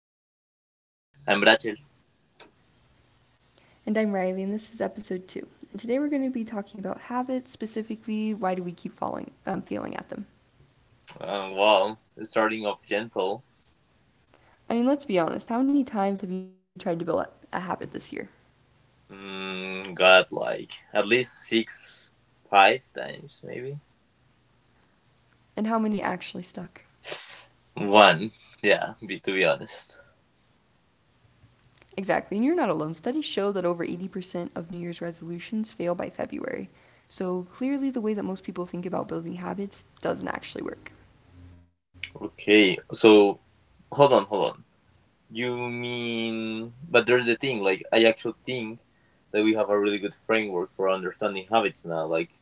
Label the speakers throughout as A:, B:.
A: meets action. I'm Rachel.
B: And I'm Riley, and this is episode two. And today we're going to be talking about habits, specifically why do we keep feeling at them.
A: Wow, starting off gentle.
B: I mean, let's be honest, how many times have you tried to build a habit this year?
A: Got like at least six, five times maybe.
B: And how many actually stuck?
A: One, yeah, to be honest.
B: Exactly, and you're not alone. Studies show that over 80% of New Year's resolutions fail by February. So clearly, the way that most people think about building habits doesn't actually work.
A: Okay, so hold on, hold on. You mean, but there's the thing, like, I actually think that we have a really good framework for understanding habits now, like,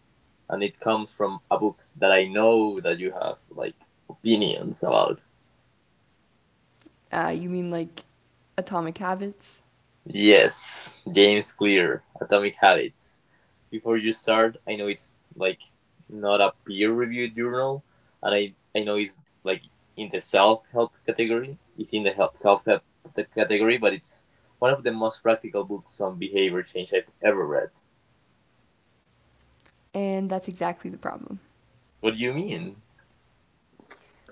A: and it comes from a book that I know that you have, like, opinions about.
B: You mean like Atomic Habits?
A: Yes, James Clear, Atomic Habits. Before you start, I know it's like not a peer-reviewed journal, and I know it's like in the self-help category. It's in the help self-help category, but it's one of the most practical books on behavior change I've ever read.
B: And that's exactly the problem.
A: What do you mean?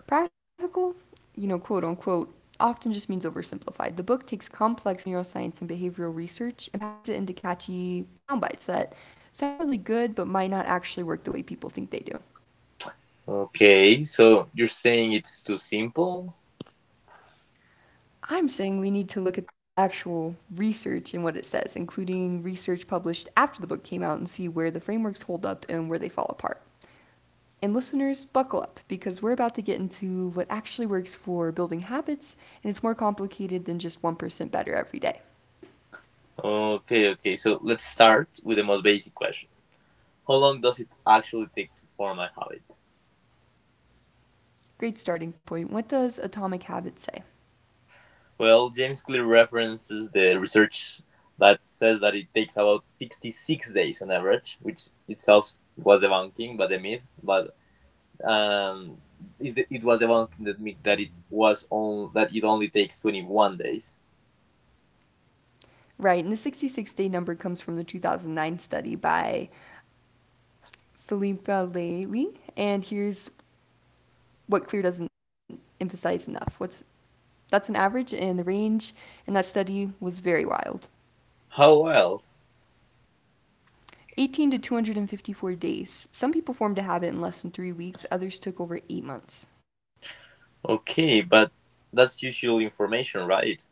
B: Practical, quote unquote, often just means oversimplified. The book takes complex neuroscience and behavioral research and packages it into catchy sound bites that sound really good but might not actually work the way people think they do.
A: Okay, so you're saying it's too simple?
B: I'm saying we need to look at the actual research and what it says, including research published after the book came out, and see where the frameworks hold up and where they fall apart. And listeners, buckle up because we're about to get into what actually works for building habits, and it's more complicated than just 1% better every day.
A: Okay, okay. So let's start with the most basic question. How long does it actually take to form a habit?
B: Great starting point. What does Atomic Habits say?
A: Well, James Clear references the research that says that it takes about 66 days on average, which itself was debunking, but the myth, but um, is it was debunking that myth that it was on that it only takes 21 days.
B: Right, and the 66-day number comes from the 2009 study by Philippa Lely. And here's what Clear doesn't emphasize enough. What's that's an average, and the range in that study was very wild.
A: How wild!
B: 18 to 254 days. Some people formed a habit in less than 3 weeks, others took over 8 months.
A: Okay, but that's usual information, right?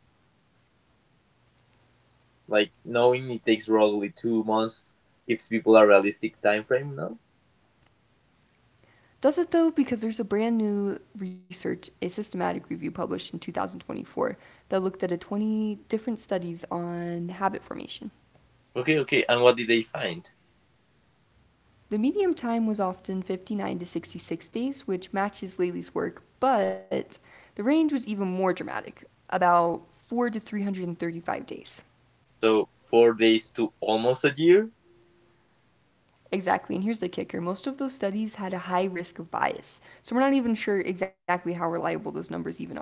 A: Like knowing it takes roughly 2 months gives people a realistic time frame, no?
B: Does it though? Because there's a brand new research, a systematic review published in 2024 that looked at a 20 different studies on habit formation.
A: Okay, okay, and what did they find?
B: The medium time was often 59 to 66 days, which matches Laley's work, but the range was even more dramatic, about 4 to 335 days.
A: So 4 days to almost a year?
B: Exactly, and here's the kicker most of those studies had a high risk of bias, so we're not even sure exactly how reliable those numbers even are.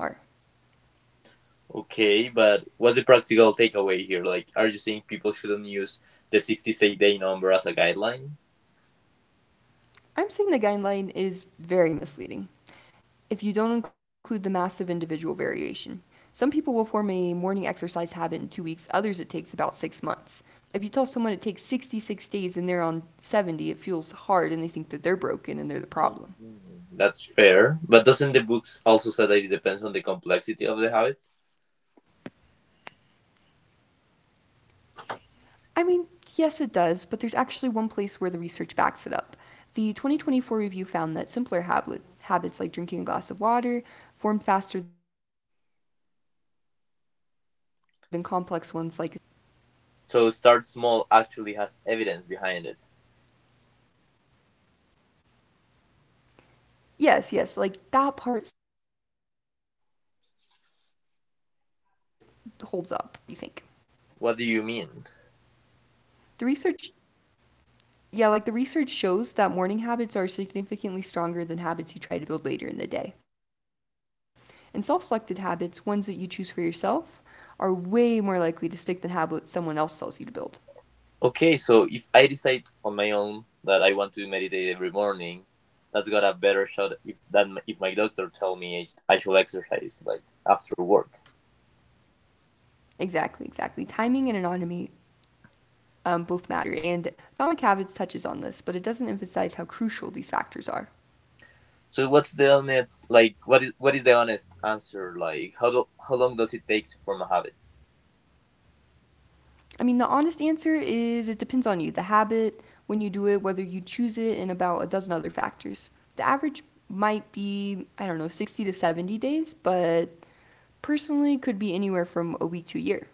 A: Okay, but what's the practical takeaway here? Like, are you saying people shouldn't use the 66-day number as a guideline?
B: I'm saying the guideline is very misleading. If you don't include the massive individual variation, some people will form a morning exercise habit in 2 weeks, others it takes about 6 months. If you tell someone it takes 66 days and they're on 70, it feels hard and they think that they're broken and they're the problem.
A: Mm, that's fair. But doesn't the books also say that it depends on the complexity of the habit?
B: I mean, yes, it does, but there's actually one place where the research backs it up. The 2024 review found that simpler habits like drinking a glass of water formed faster than complex ones like establishing a full workout routine.
A: So, start small actually has evidence behind it.
B: Yes, yes, like that part holds up, but here's what the book doesn't tell you the type of habit matters more than what you think.
A: What do you mean?
B: The research, the research shows that morning habits are significantly stronger than habits you try to build later in the day. And self selected habits, ones that you choose for yourself, are way more likely to stick than habits someone else tells you to build.
A: Okay, so if I decide on my own that I want to meditate every morning, that's got a better shot if than if my doctor tell me I should exercise like after work.
B: Exactly, exactly. Timing and anatomy both matter, and Atomic Habits touches on this, but it doesn't emphasize how crucial these factors are.
A: So what's the honest like what is the honest answer like how long does it take to form a habit?
B: I mean, the honest answer is it depends on you, the habit, when you do it, whether you choose it, and about a dozen other factors. The average might be, I don't know, 60 to 70 days, but personally could be anywhere from a week to a year.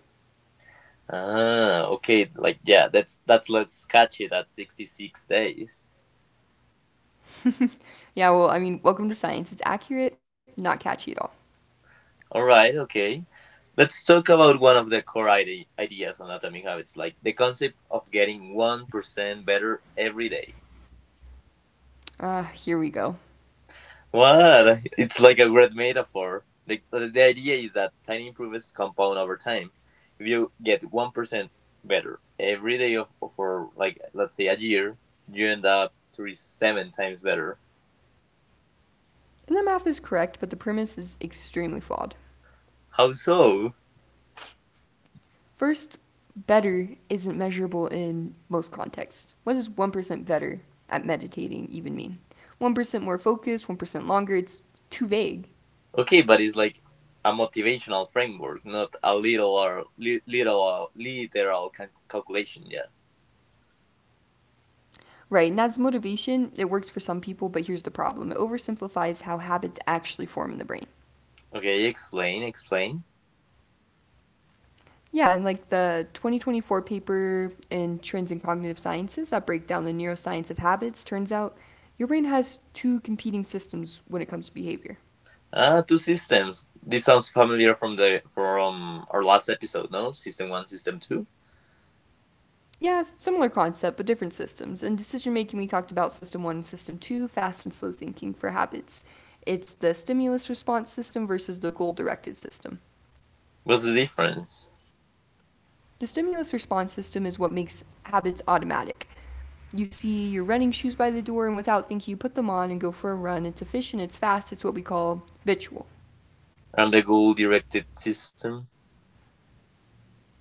A: Okay, like yeah, that's let's catch it at 66 days.
B: Yeah, well, I mean, welcome to science. It's accurate, not catchy at all.
A: All right, okay. Let's talk about one of the core ideas on Atomic Habits, like the concept of getting 1% better every day.
B: Here we go.
A: What? It's like a great metaphor. The idea is that tiny improvements compound over time. If you get 1% better every day for, like, let's say a year, you end up 37 times better.
B: And the math is correct, but the premise is extremely flawed.
A: How so?
B: First, better isn't measurable in most contexts. What does 1% better at meditating even mean? 1% more focused, 1% longer, it's too vague.
A: Okay, but it's like a motivational framework, not a little or literal calculation, yeah.
B: Right, and that's motivation. It works for some people, but here's the problem it oversimplifies how habits actually form in the brain.
A: Okay, explain, explain.
B: Yeah, and like the 2024 paper in Trends in Cognitive Sciences that break down the neuroscience of habits, turns out your brain has two competing systems when it comes to behavior.
A: Two systems. This sounds familiar from the from our last episode, no? System one, system two.
B: Yeah, similar concept, but different systems. In decision making, we talked about system one and system two, fast and slow thinking for habits. It's the stimulus response system versus the goal directed system.
A: What's the difference?
B: The stimulus response system is what makes habits automatic. You see your running shoes by the door, and without thinking, you put them on and go for a run. It's efficient, it's fast, it's what we call habitual.
A: And the goal-directed system?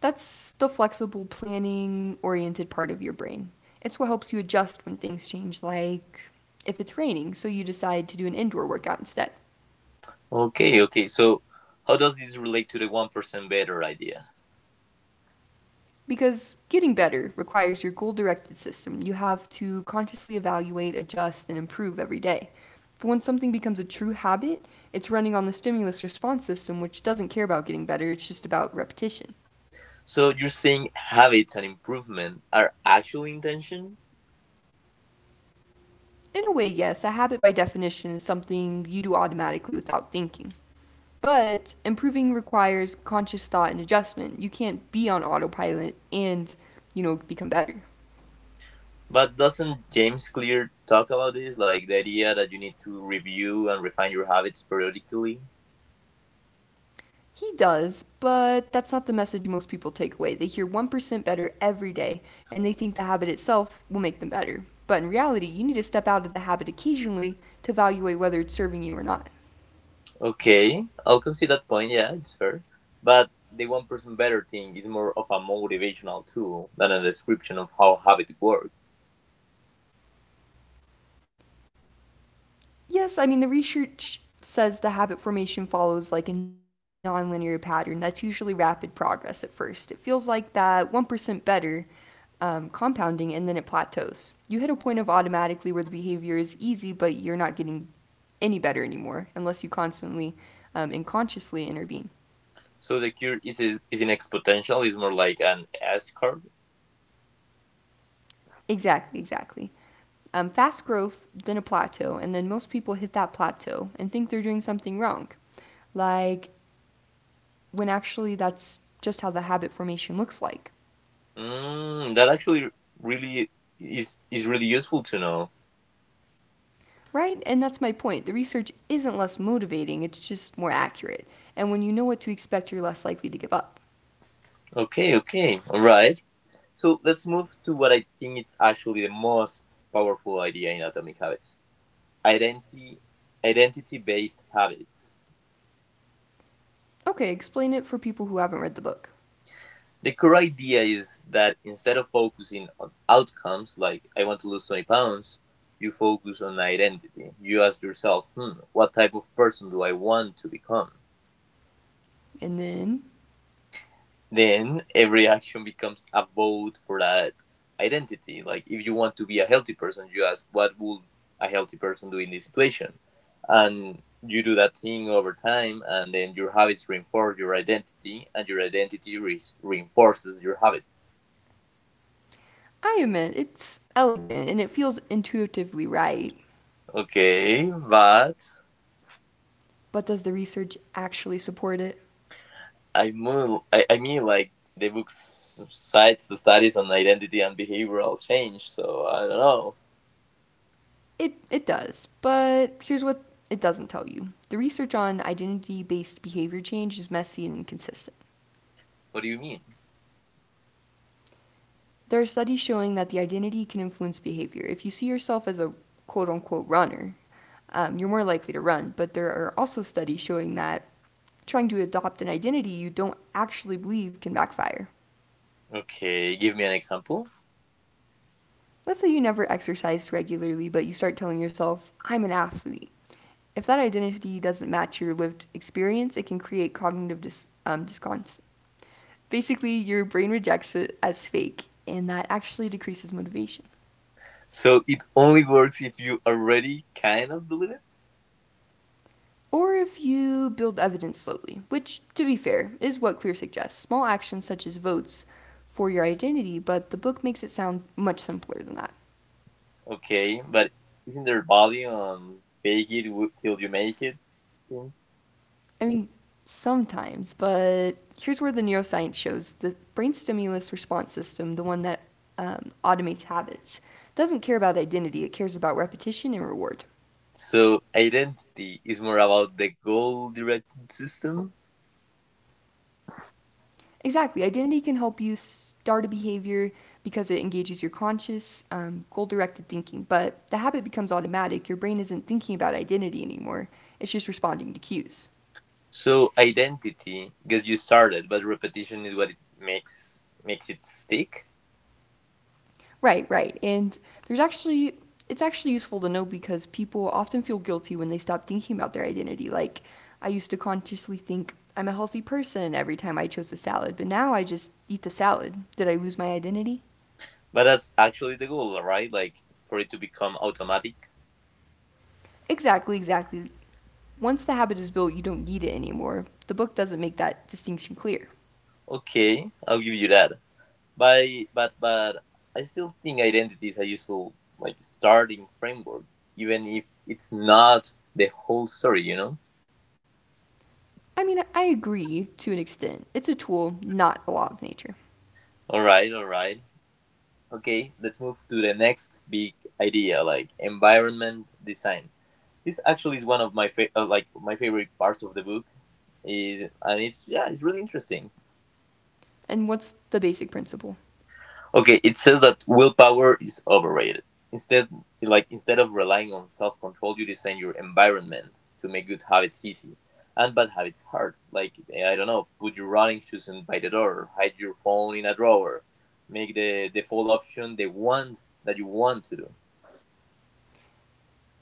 B: That's the flexible planning oriented part of your brain. It's what helps you adjust when things change, like if it's raining, so you decide to do an indoor workout instead.
A: Okay, okay. So, how does this relate to the 1% better idea?
B: Because getting better requires your goal directed system. You have to consciously evaluate, adjust, and improve every day. But when something becomes a true habit, it's running on the stimulus response system, which doesn't care about getting better, it's just about repetition.
A: So, you're saying habits and improvement are actual intention?
B: In a way, yes, a habit by definition is something you do automatically without thinking. But improving requires conscious thought and adjustment. You can't be on autopilot and become better.
A: But doesn't James Clear talk about this? Like the idea that you need to review and refine your habits periodically?
B: He does, but that's not the message most people take away. They hear 1% better every day and they think the habit itself will make them better. But in reality, you need to step out of the habit occasionally to evaluate whether it's serving you or not.
A: Okay, I'll concede that point. Yeah, it's fair. But the 1% better thing is more of a motivational tool than a description of how habit works.
B: Yes, I mean, the research says the habit formation follows like a nonlinear pattern that's usually rapid progress at first. It feels like that 1% better compounding and then it plateaus. You hit a point of automatically where the behavior is easy, but you're not getting any better anymore unless you constantly and consciously intervene.
A: So the cure is an exponential. Is more like an S curve.
B: Exactly, exactly. Fast growth, then a plateau, and then most people hit that plateau and think they're doing something wrong. Like when actually that's just how the habit formation looks like.
A: That actually really is really useful to know.
B: Right? And that's my point. The research isn't less motivating, it's just more accurate. And when you know what to expect, you're less likely to give up.
A: Okay, okay, all right. So let's move to what I think it's actually the most powerful idea in Atomic Habits: identity identity based habits.
B: Okay, explain it for people who haven't read the book.
A: The core idea is that instead of focusing on outcomes like I want to lose 20 pounds, you focus on identity. You ask yourself, what type of person do I want to become?
B: And then,
A: Then every action becomes a vote for that identity. Like if you want to be a healthy person, you ask what would a healthy person do in this situation, and you do that thing over time, and then your habits reinforce your identity, and your identity reinforces your habits.
B: I admit, it's elegant and it feels intuitively right.
A: Okay, but
B: But does the research actually support it?
A: I mean, like the book cites the studies on identity and behavioral change, so I don't know.
B: It does. But here's what it doesn't tell you the research on identity based behavior change is messy and inconsistent.
A: What do you mean?
B: There are studies showing that the identity can influence behavior. If you see yourself as a quote unquote runner, you're more likely to run. But there are also studies showing that trying to adopt an identity you don't actually believe can backfire.
A: Okay, give me an example.
B: Let's say you never exercised regularly, but you start telling yourself, I'm an athlete. If that identity doesn't match your lived experience, it can create cognitive disconnect. Basically, your brain rejects it as fake, and that actually decreases motivation.
A: So it only works if you already kind of believe it?
B: Or if you build evidence slowly, which, to be fair, is what Clear suggests small actions such as votes for your identity, but the book makes it sound much simpler than that.
A: Okay, but isn't there value on fake it till you make it thing?
B: I mean, sometimes, but here's where the neuroscience shows the brain stimulus response system, the one that automates habits, doesn't care about identity, it cares about repetition and reward.
A: So identity is more about the goal directed system.
B: Exactly. Identity can help you start a behavior because it engages your conscious goal directed thinking. But the habit becomes automatic. Your brain isn't thinking about identity anymore, it's just responding to cues.
A: So identity gets you started, but repetition is what it makes it stick.
B: Right, right. And there's actually, it's actually useful to know because people often feel guilty when they stop thinking about their identity. Like, I used to consciously think, I'm a healthy person every time I chose a salad, but now I just eat the salad. Did I lose my identity?
A: But that's actually the goal, right? Like for it to become automatic.
B: Exactly, exactly. Once the habit is built, you don't need it anymore. The book doesn't make that distinction clear.
A: Okay, I'll give you that. But but but I still think identity is a useful like starting framework, even if it's not the whole story, you know?
B: I mean, I agree to an extent. It's a tool, not a law of nature.
A: Alright, alright. Okay, let's move to the next big idea, like environment design. This actually is one of my like my favorite parts of the book, is and it's yeah, it's really interesting.
B: And what's the basic principle?
A: Okay, it says that willpower is overrated. Instead, like instead of relying on self-control, you design your environment to make good habits easy and bad habits hard. Like I don't know, put your running shoes in by the door, hide your phone in a drawer, make the default option the one that you want to do.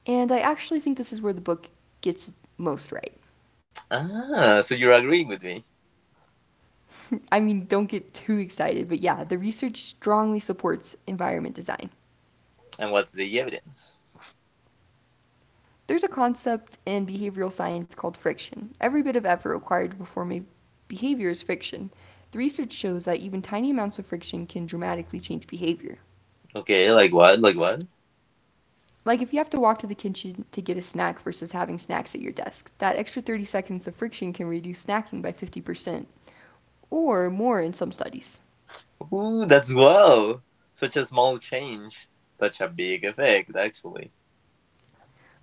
B: And I actually think this is where the book gets it most right.
A: So you're agreeing with me.
B: I mean, don't get too excited, but yeah, the research strongly supports environment design.
A: And what's the evidence?
B: There's a concept in behavioral science called friction. Every bit of effort required to perform a behavior is friction. The research shows that even tiny amounts of friction can dramatically change behavior.
A: Okay, like what? Like what?
B: Like if you have to walk to the kitchen to get a snack versus having snacks at your desk, that extra 30 seconds of friction can reduce snacking by 50%, or more in some studies.
A: Ooh, that's wow. Such a small change, such a big effect, actually.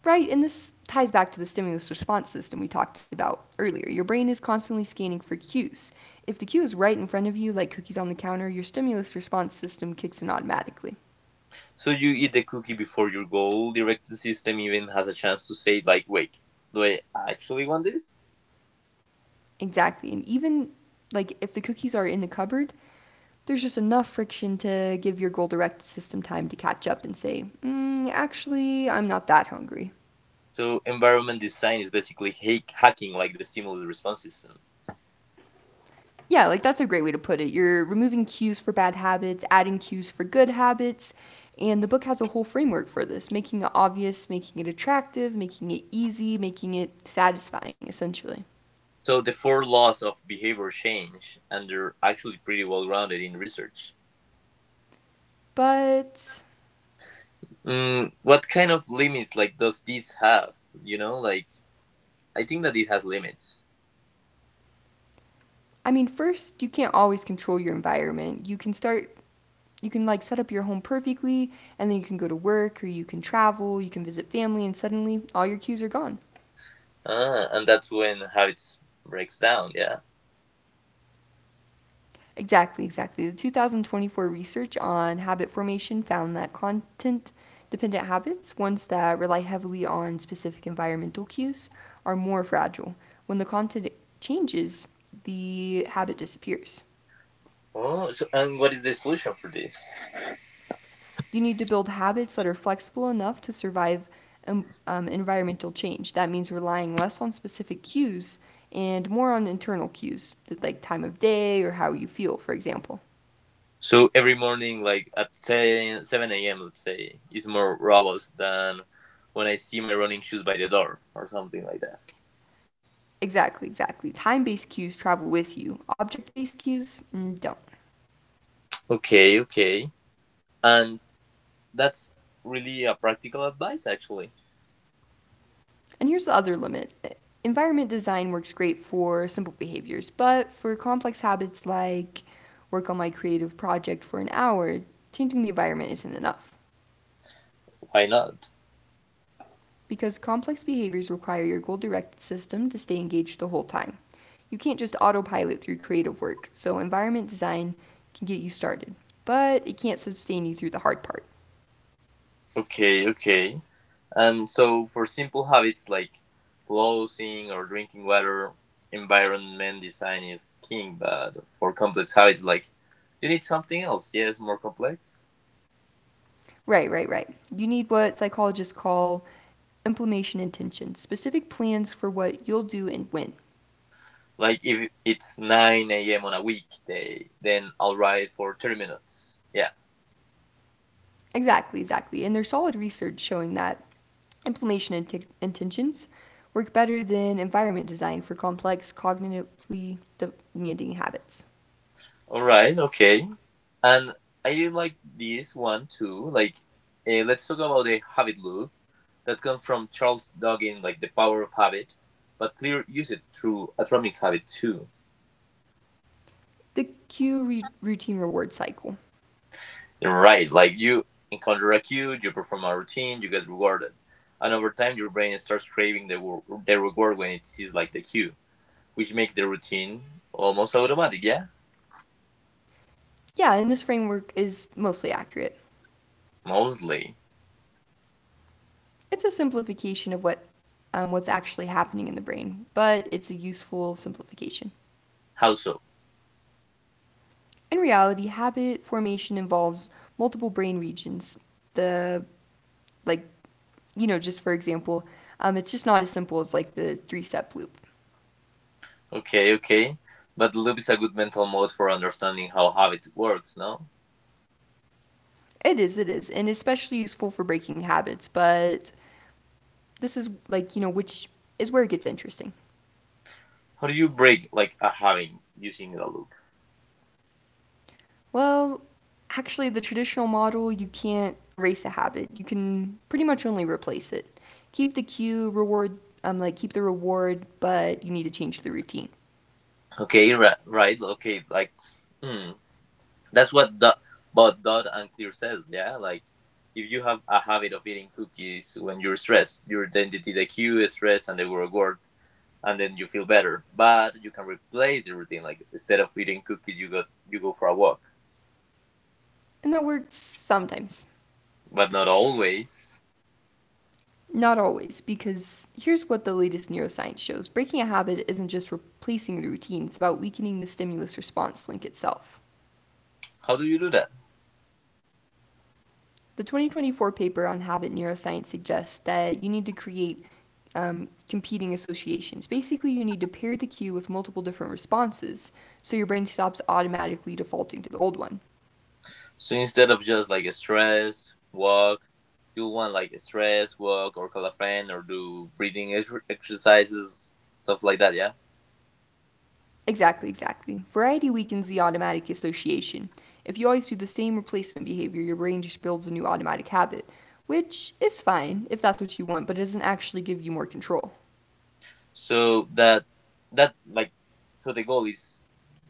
B: Right, and this ties back to the stimulus response system we talked about earlier. Your brain is constantly scanning for cues. If the cue is right in front of you, like cookies on the counter, your stimulus response system kicks in automatically.
A: So you eat the cookie before your goal directed system even has a chance to say like, wait, do I actually want this?
B: Exactly. And even like if the cookies are in the cupboard, there's just enough friction to give your goal directed system time to catch up and say, mm, actually, I'm not that hungry.
A: So environment design is basically hacking like the stimulus response system.
B: Yeah, like that's a great way to put it. You're removing cues for bad habits, adding cues for good habits, and the book has a whole framework for this: making it obvious, making it attractive, making it easy, making it satisfying, essentially.
A: So the four laws of behavior change, and they're actually pretty well grounded in research.
B: But,
A: What kind of limits like does this have? You know, like I think that it has limits.
B: I mean, first, you can't always control your environment. You can start, you can like set up your home perfectly, and then you can go to work, or you can travel, you can visit family, and suddenly all your cues are gone.
A: And that's when habits breaks down. Yeah.
B: Exactly, exactly. The 2024 research on habit formation found that content dependent habits, ones that rely heavily on specific environmental cues, are more fragile. When the content changes, the habit disappears.
A: Oh, so and what is the solution for this?
B: You need to build habits that are flexible enough to survive environmental change. That means relying less on specific cues and more on internal cues, like time of day or how you feel, for example.
A: So every morning, like at 7, 7 a.m., let's say, is more robust than when I see my running shoes by the door or something like that.
B: Exactly, exactly. Time based cues travel with you, object based cues don't.
A: Okay, okay. And that's really a practical advice, actually.
B: And here's the other limit. Environment design works great for simple behaviors, but for complex habits like work on my creative project for an hour, changing the environment isn't enough.
A: Why not?
B: Because complex behaviors require your goal directed system to stay engaged the whole time. You can't just autopilot through creative work, so environment design can get you started, but it can't sustain you through the hard part.
A: Okay, okay. And so for simple habits like flossing or drinking water, environment design is king. But for complex habits, like you need something else. Yes, more complex.
B: Right, right, right. You need what psychologists call implementation intention, specific plans for what you'll do and when.
A: Like if it's 9 a.m. on a weekday, then I'll ride for 30 minutes. Yeah.
B: Exactly, exactly. And there's solid research showing that implementation intentions work better than environment design for complex, cognitively demanding habits.
A: All right. Okay. And I like this one too. Like, let's talk about the habit loop that comes from Charles Duggin, like The Power of Habit, but Clear use it through Atomic Habit too.
B: The cue routine reward cycle.
A: Right. Like you encounter a cue, you perform a routine, you get rewarded. And over time, your brain starts craving the reward when it sees like the cue, which makes the routine almost automatic. Yeah.
B: Yeah, and this framework is mostly accurate.
A: Mostly,
B: It's a simplification of what what's actually happening in the brain, but it's a useful simplification.
A: how so?
B: In reality, habit formation involves multiple brain regions. The, like, you know, just for example, it's just not as simple as like the three step loop.
A: Okay, okay. But loop is a good mental mode for understanding how habit works, no?
B: It is, and especially useful for breaking habits, but this is like, you know, which is where it gets interesting.
A: How do you break like a habit using a loop?
B: Well, actually, the traditional model, you can't erase a habit, you can pretty much only replace it. Keep the cue, reward, like, keep the reward, but you need to change the routine.
A: Okay, right, right. Okay, like hmm. that's what the but Dot and Clear says, yeah? Like if you have a habit of eating cookies when you're stressed, your identity the cue is stress and the reward and then you feel better. But you can replace the routine, like instead of eating cookies you go for a walk.
B: And that works sometimes.
A: But not always.
B: Not always, because here's what the latest neuroscience shows: breaking a habit isn't just replacing the routine, it's about weakening the stimulus response link itself.
A: How do you do that?
B: The 2024 paper on habit neuroscience suggests that you need to create competing associations. Basically, you need to pair the cue with multiple different responses so your brain stops automatically defaulting to the old one.
A: So instead of just like a stress walk, you want like a stress walk or call a friend or do breathing exercises, stuff like that. Yeah.
B: Exactly, exactly. Variety weakens the automatic association. If you always do the same replacement behavior, your brain just builds a new automatic habit, which is fine if that's what you want, but it doesn't actually give you more control.
A: So that that like so the goal is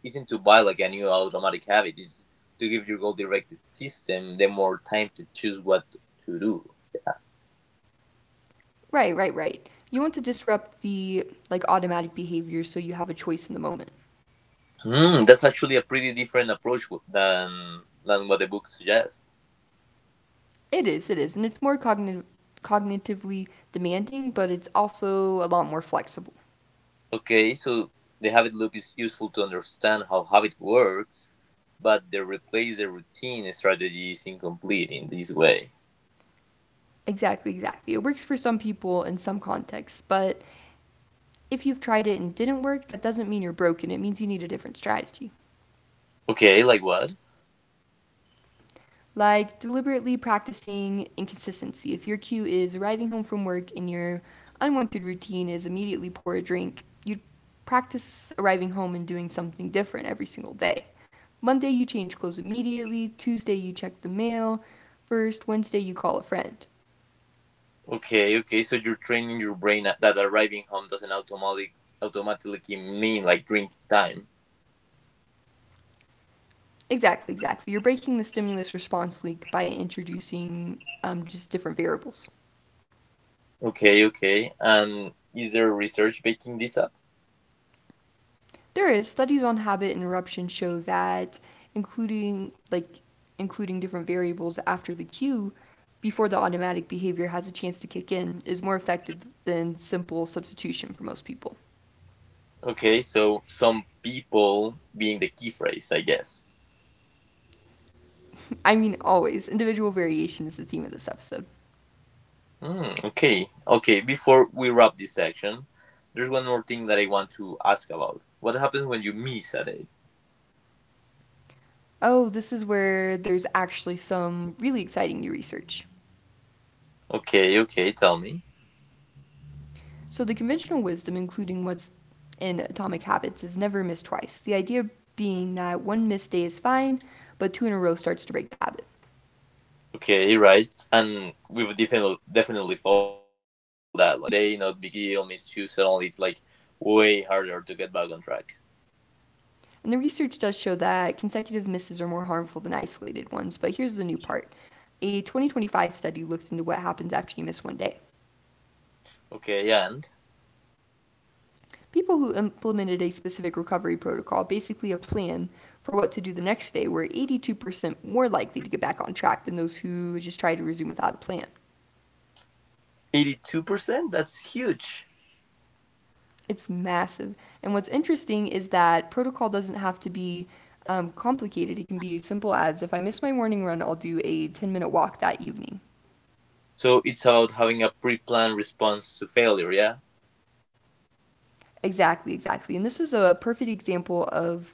A: isn't to buy like a new automatic habit. It's to give your goal directed system the more time to choose what to do. Yeah.
B: Right, right, right. You want to disrupt the like automatic behavior so you have a choice in the moment.
A: Hmm, that's actually a pretty different approach than what the book suggests.
B: It is, and it's more cognitive cognitively demanding, but it's also a lot more flexible.
A: Okay, so the habit loop is useful to understand how habit works, but the replace the routine strategy is incomplete in this way.
B: Exactly, exactly. It works for some people in some contexts, but if you've tried it and didn't work, that doesn't mean you're broken. It means you need a different strategy.
A: Okay, like what?
B: Like deliberately practicing inconsistency. If your cue is arriving home from work and your unwanted routine is immediately pour a drink, you practice arriving home and doing something different every single day. Monday, you change clothes immediately. Tuesday, you check the mail. First, Wednesday, you call a friend.
A: Okay, okay, so you're training your brain that arriving home doesn't automatically mean like drink time.
B: Exactly, exactly. You're breaking the stimulus response link by introducing just different variables.
A: Okay, okay, and is there research backing this up?
B: There is studies on habit interruption show that including like including different variables after the cue before the automatic behavior has a chance to kick in is more effective than simple substitution for most people.
A: Okay, so some people being the key phrase, I guess.
B: I mean always individual variation is the theme of this episode.
A: Okay, okay. Before we wrap this section, there's one more thing that I want to ask about. What happens when you miss a day?
B: Oh, this is where there's actually some really exciting new research.
A: Okay, okay. Tell me.
B: So the conventional wisdom including what's in Atomic Habits is never miss twice. The idea being that one missed day is fine, but two in a row starts to break the habit.
A: Okay, right. And we've definitely felt that. Like miss one day, not big deal. Miss two, suddenly it's like way harder to get back on track.
B: And the research does show that consecutive misses are more harmful than isolated ones, but here's the new part. A 2025 study looked into what happens after you miss one day.
A: Okay, and
B: People who implemented a specific recovery protocol, basically a plan for what to do the next day, were 82% more likely to get back on track than those who just tried to resume without a plan.
A: 82%. That's huge.
B: It's massive. And what's interesting is that protocol doesn't have to be complicated. It can be as simple as, if I miss my morning run, I'll do a 10-minute walk that evening.
A: So it's about having a pre-planned response to failure. Yeah.
B: Exactly, exactly. And this is a perfect example of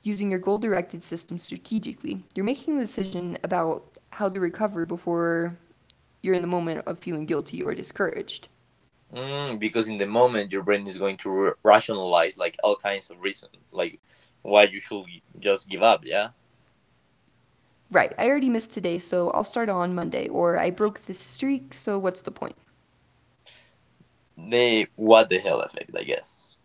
B: using your goal directed system strategically. You're making the decision about how to recover before you're in the moment of feeling guilty or discouraged.
A: Because in the moment your brain is going to r rationalize like all kinds of reasons, like why you should just give up, yeah?
B: Right, I already missed today, so I'll start on Monday, or I broke this streak, so what's the point?
A: The what the hell effect, I guess.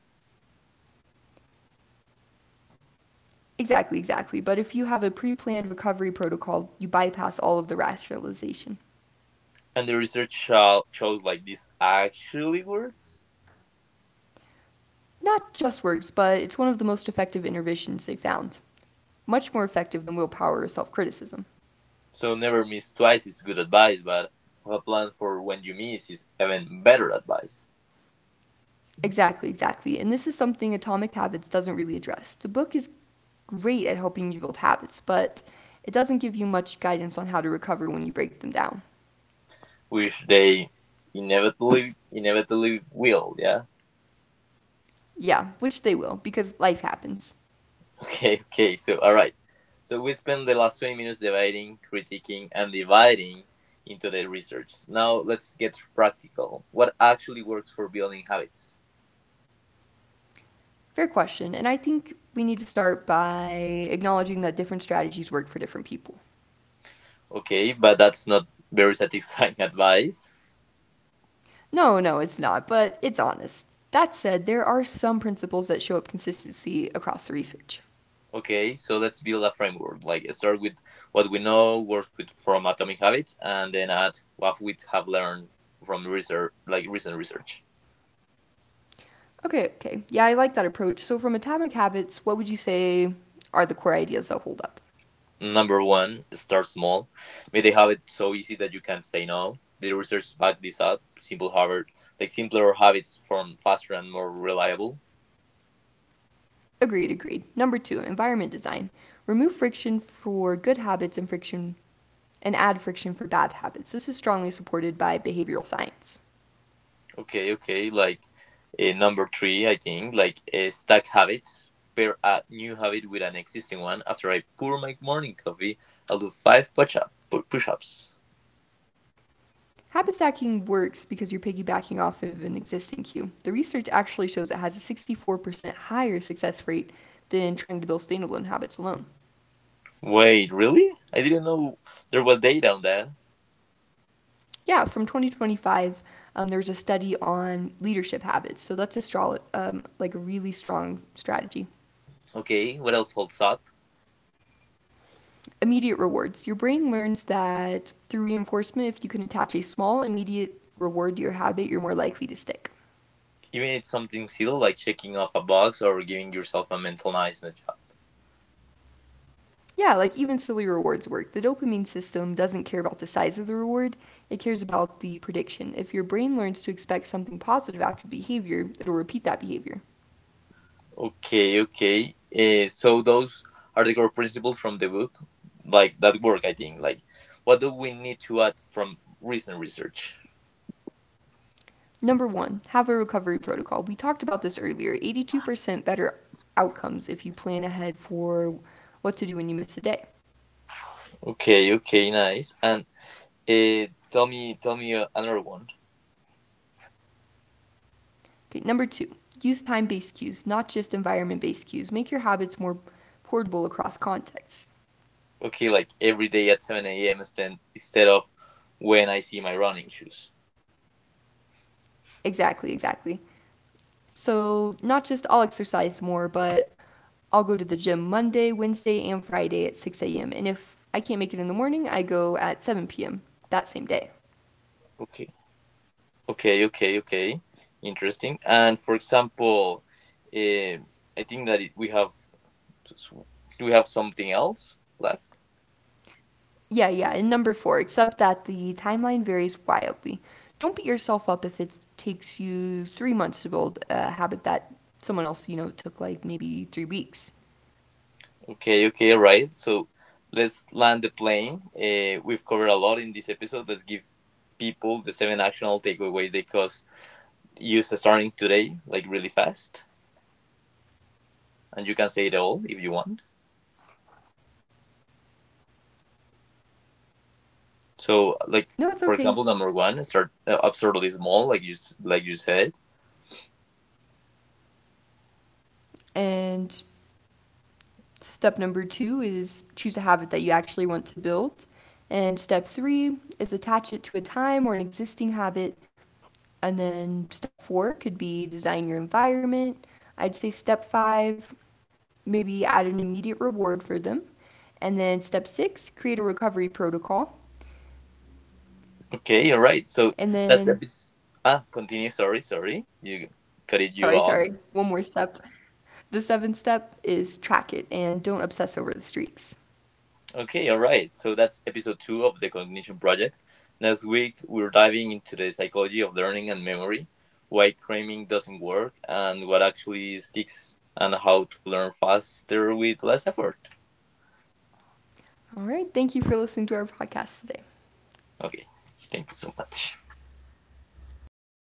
B: Exactly, exactly. But if you have a pre planned recovery protocol, you bypass all of the rationalization.
A: And the research shows like this actually works.
B: Not just works, but it's one of the most effective interventions they found. Much more effective than willpower or self criticism.
A: So never miss twice is good advice, but have a plan for when you miss is even better advice,
B: Exactly, exactly. And this is something Atomic Habits doesn't really address. The book is great at helping you build habits, but it doesn't give you much guidance on how to recover when you break them down.
A: which they inevitably will, yeah?
B: Yeah, which they will, because life happens.
A: Okay, okay. So, all right. So we spent the last 20 minutes dividing, critiquing, and dividing into the research. Now let's get practical. What actually works for building habits?
B: Fair question, and I think we need to start by acknowledging that different strategies work for different people.
A: Okay, but that's not very satisfying advice.
B: No, no, it's not, but it's honest. That said, there are some principles that show up consistency across the research.
A: Okay, so let's build a framework. Like start with what we know, work with from Atomic Habits, and then add what we have learned from research, like recent research.
B: Okay, okay. Yeah, I like that approach. So, from Atomic Habits, what would you say are the core ideas that hold up?
A: Number one, start small. May they have it so easy that you can say no. The research back this up. Simple habit, like simpler habits form faster and more reliable.
B: Agreed, agreed. Number two, environment design. Remove friction for good habits and friction and add friction for bad habits. This is strongly supported by behavioral science.
A: Okay, okay. Like number three, I think, like stack habits. Pair a new habit with an existing one. After I pour my morning coffee, I'll do five push ups.
B: Habit stacking works because you're piggybacking off of an existing cue. The research actually shows it has a 64% higher success rate than trying to build standalone habits alone.
A: Wait, really? I didn't know there was data on that.
B: Yeah, from 2025, there's a study on leadership habits. So that's a strong, like a really strong strategy.
A: Okay, what else holds up?
B: Immediate rewards. Your brain learns that through reinforcement, if you can attach a small immediate reward to your habit, you're more likely to stick.
A: Even it's something silly like checking off a box or giving yourself a mental nice in a job.
B: Yeah, like even silly rewards work. The dopamine system doesn't care about the size of the reward, it cares about the prediction. If your brain learns to expect something positive after the behavior, it'll repeat that behavior.
A: Okay, okay. So those are the core principles from the book, like that work. I think. Like, what do we need to add from recent research?
B: Number one, have a recovery protocol. We talked about this earlier: 82% better outcomes if you plan ahead for what to do when you miss a day.
A: Okay, okay, nice. And uh, tell me another one.
B: Okay, number two, use time based cues, not just environment based cues. Make your habits more portable across contexts.
A: Okay, like every day at 7 a.m. Instead of when I see my running shoes.
B: Exactly, exactly. So, not just I'll exercise more, but I'll go to the gym Monday, Wednesday, and Friday at 6 a.m. And if I can't make it in the morning, I go at 7 p.m. that same day.
A: Okay. Okay, okay, okay. Interesting. And for example, um, I think that it, we have do we have something else left?
B: Yeah, yeah, and number four, except that the timeline varies wildly. Don't beat yourself up if it takes you 3 months to build a habit that someone else, you know, took like maybe 3 weeks.
A: Okay, okay, all right. So let's land the plane. We've covered a lot in this episode. Let's give people the seven actionable takeaways they cause use starting today, like really fast, and you can say it all if you want. So, like
B: No, it's
A: for
B: okay.
A: example, number one, start absurdly small, like you said.
B: And step number two is choose a habit that you actually want to build. And step three is attach it to a time or an existing habit. And then step four could be design your environment. I'd say step five, maybe add an immediate reward for them. And then step six, create a recovery protocol.
A: Okay, all right. So
B: And
A: that's a
B: then,
A: bit. Continue. Sorry, sorry. You cut it you
B: sorry,
A: off.
B: sorry, one more step. The seventh step is track it and don't obsess over the streaks.
A: Okay, all right. So that's episode two of the Cognition Project. Next week, we're diving into the psychology of learning and memory, why cramming doesn't work, and what actually sticks, and how to learn faster with less effort.
B: All right, thank you for listening to our podcast today.
A: Okay, thank you so much.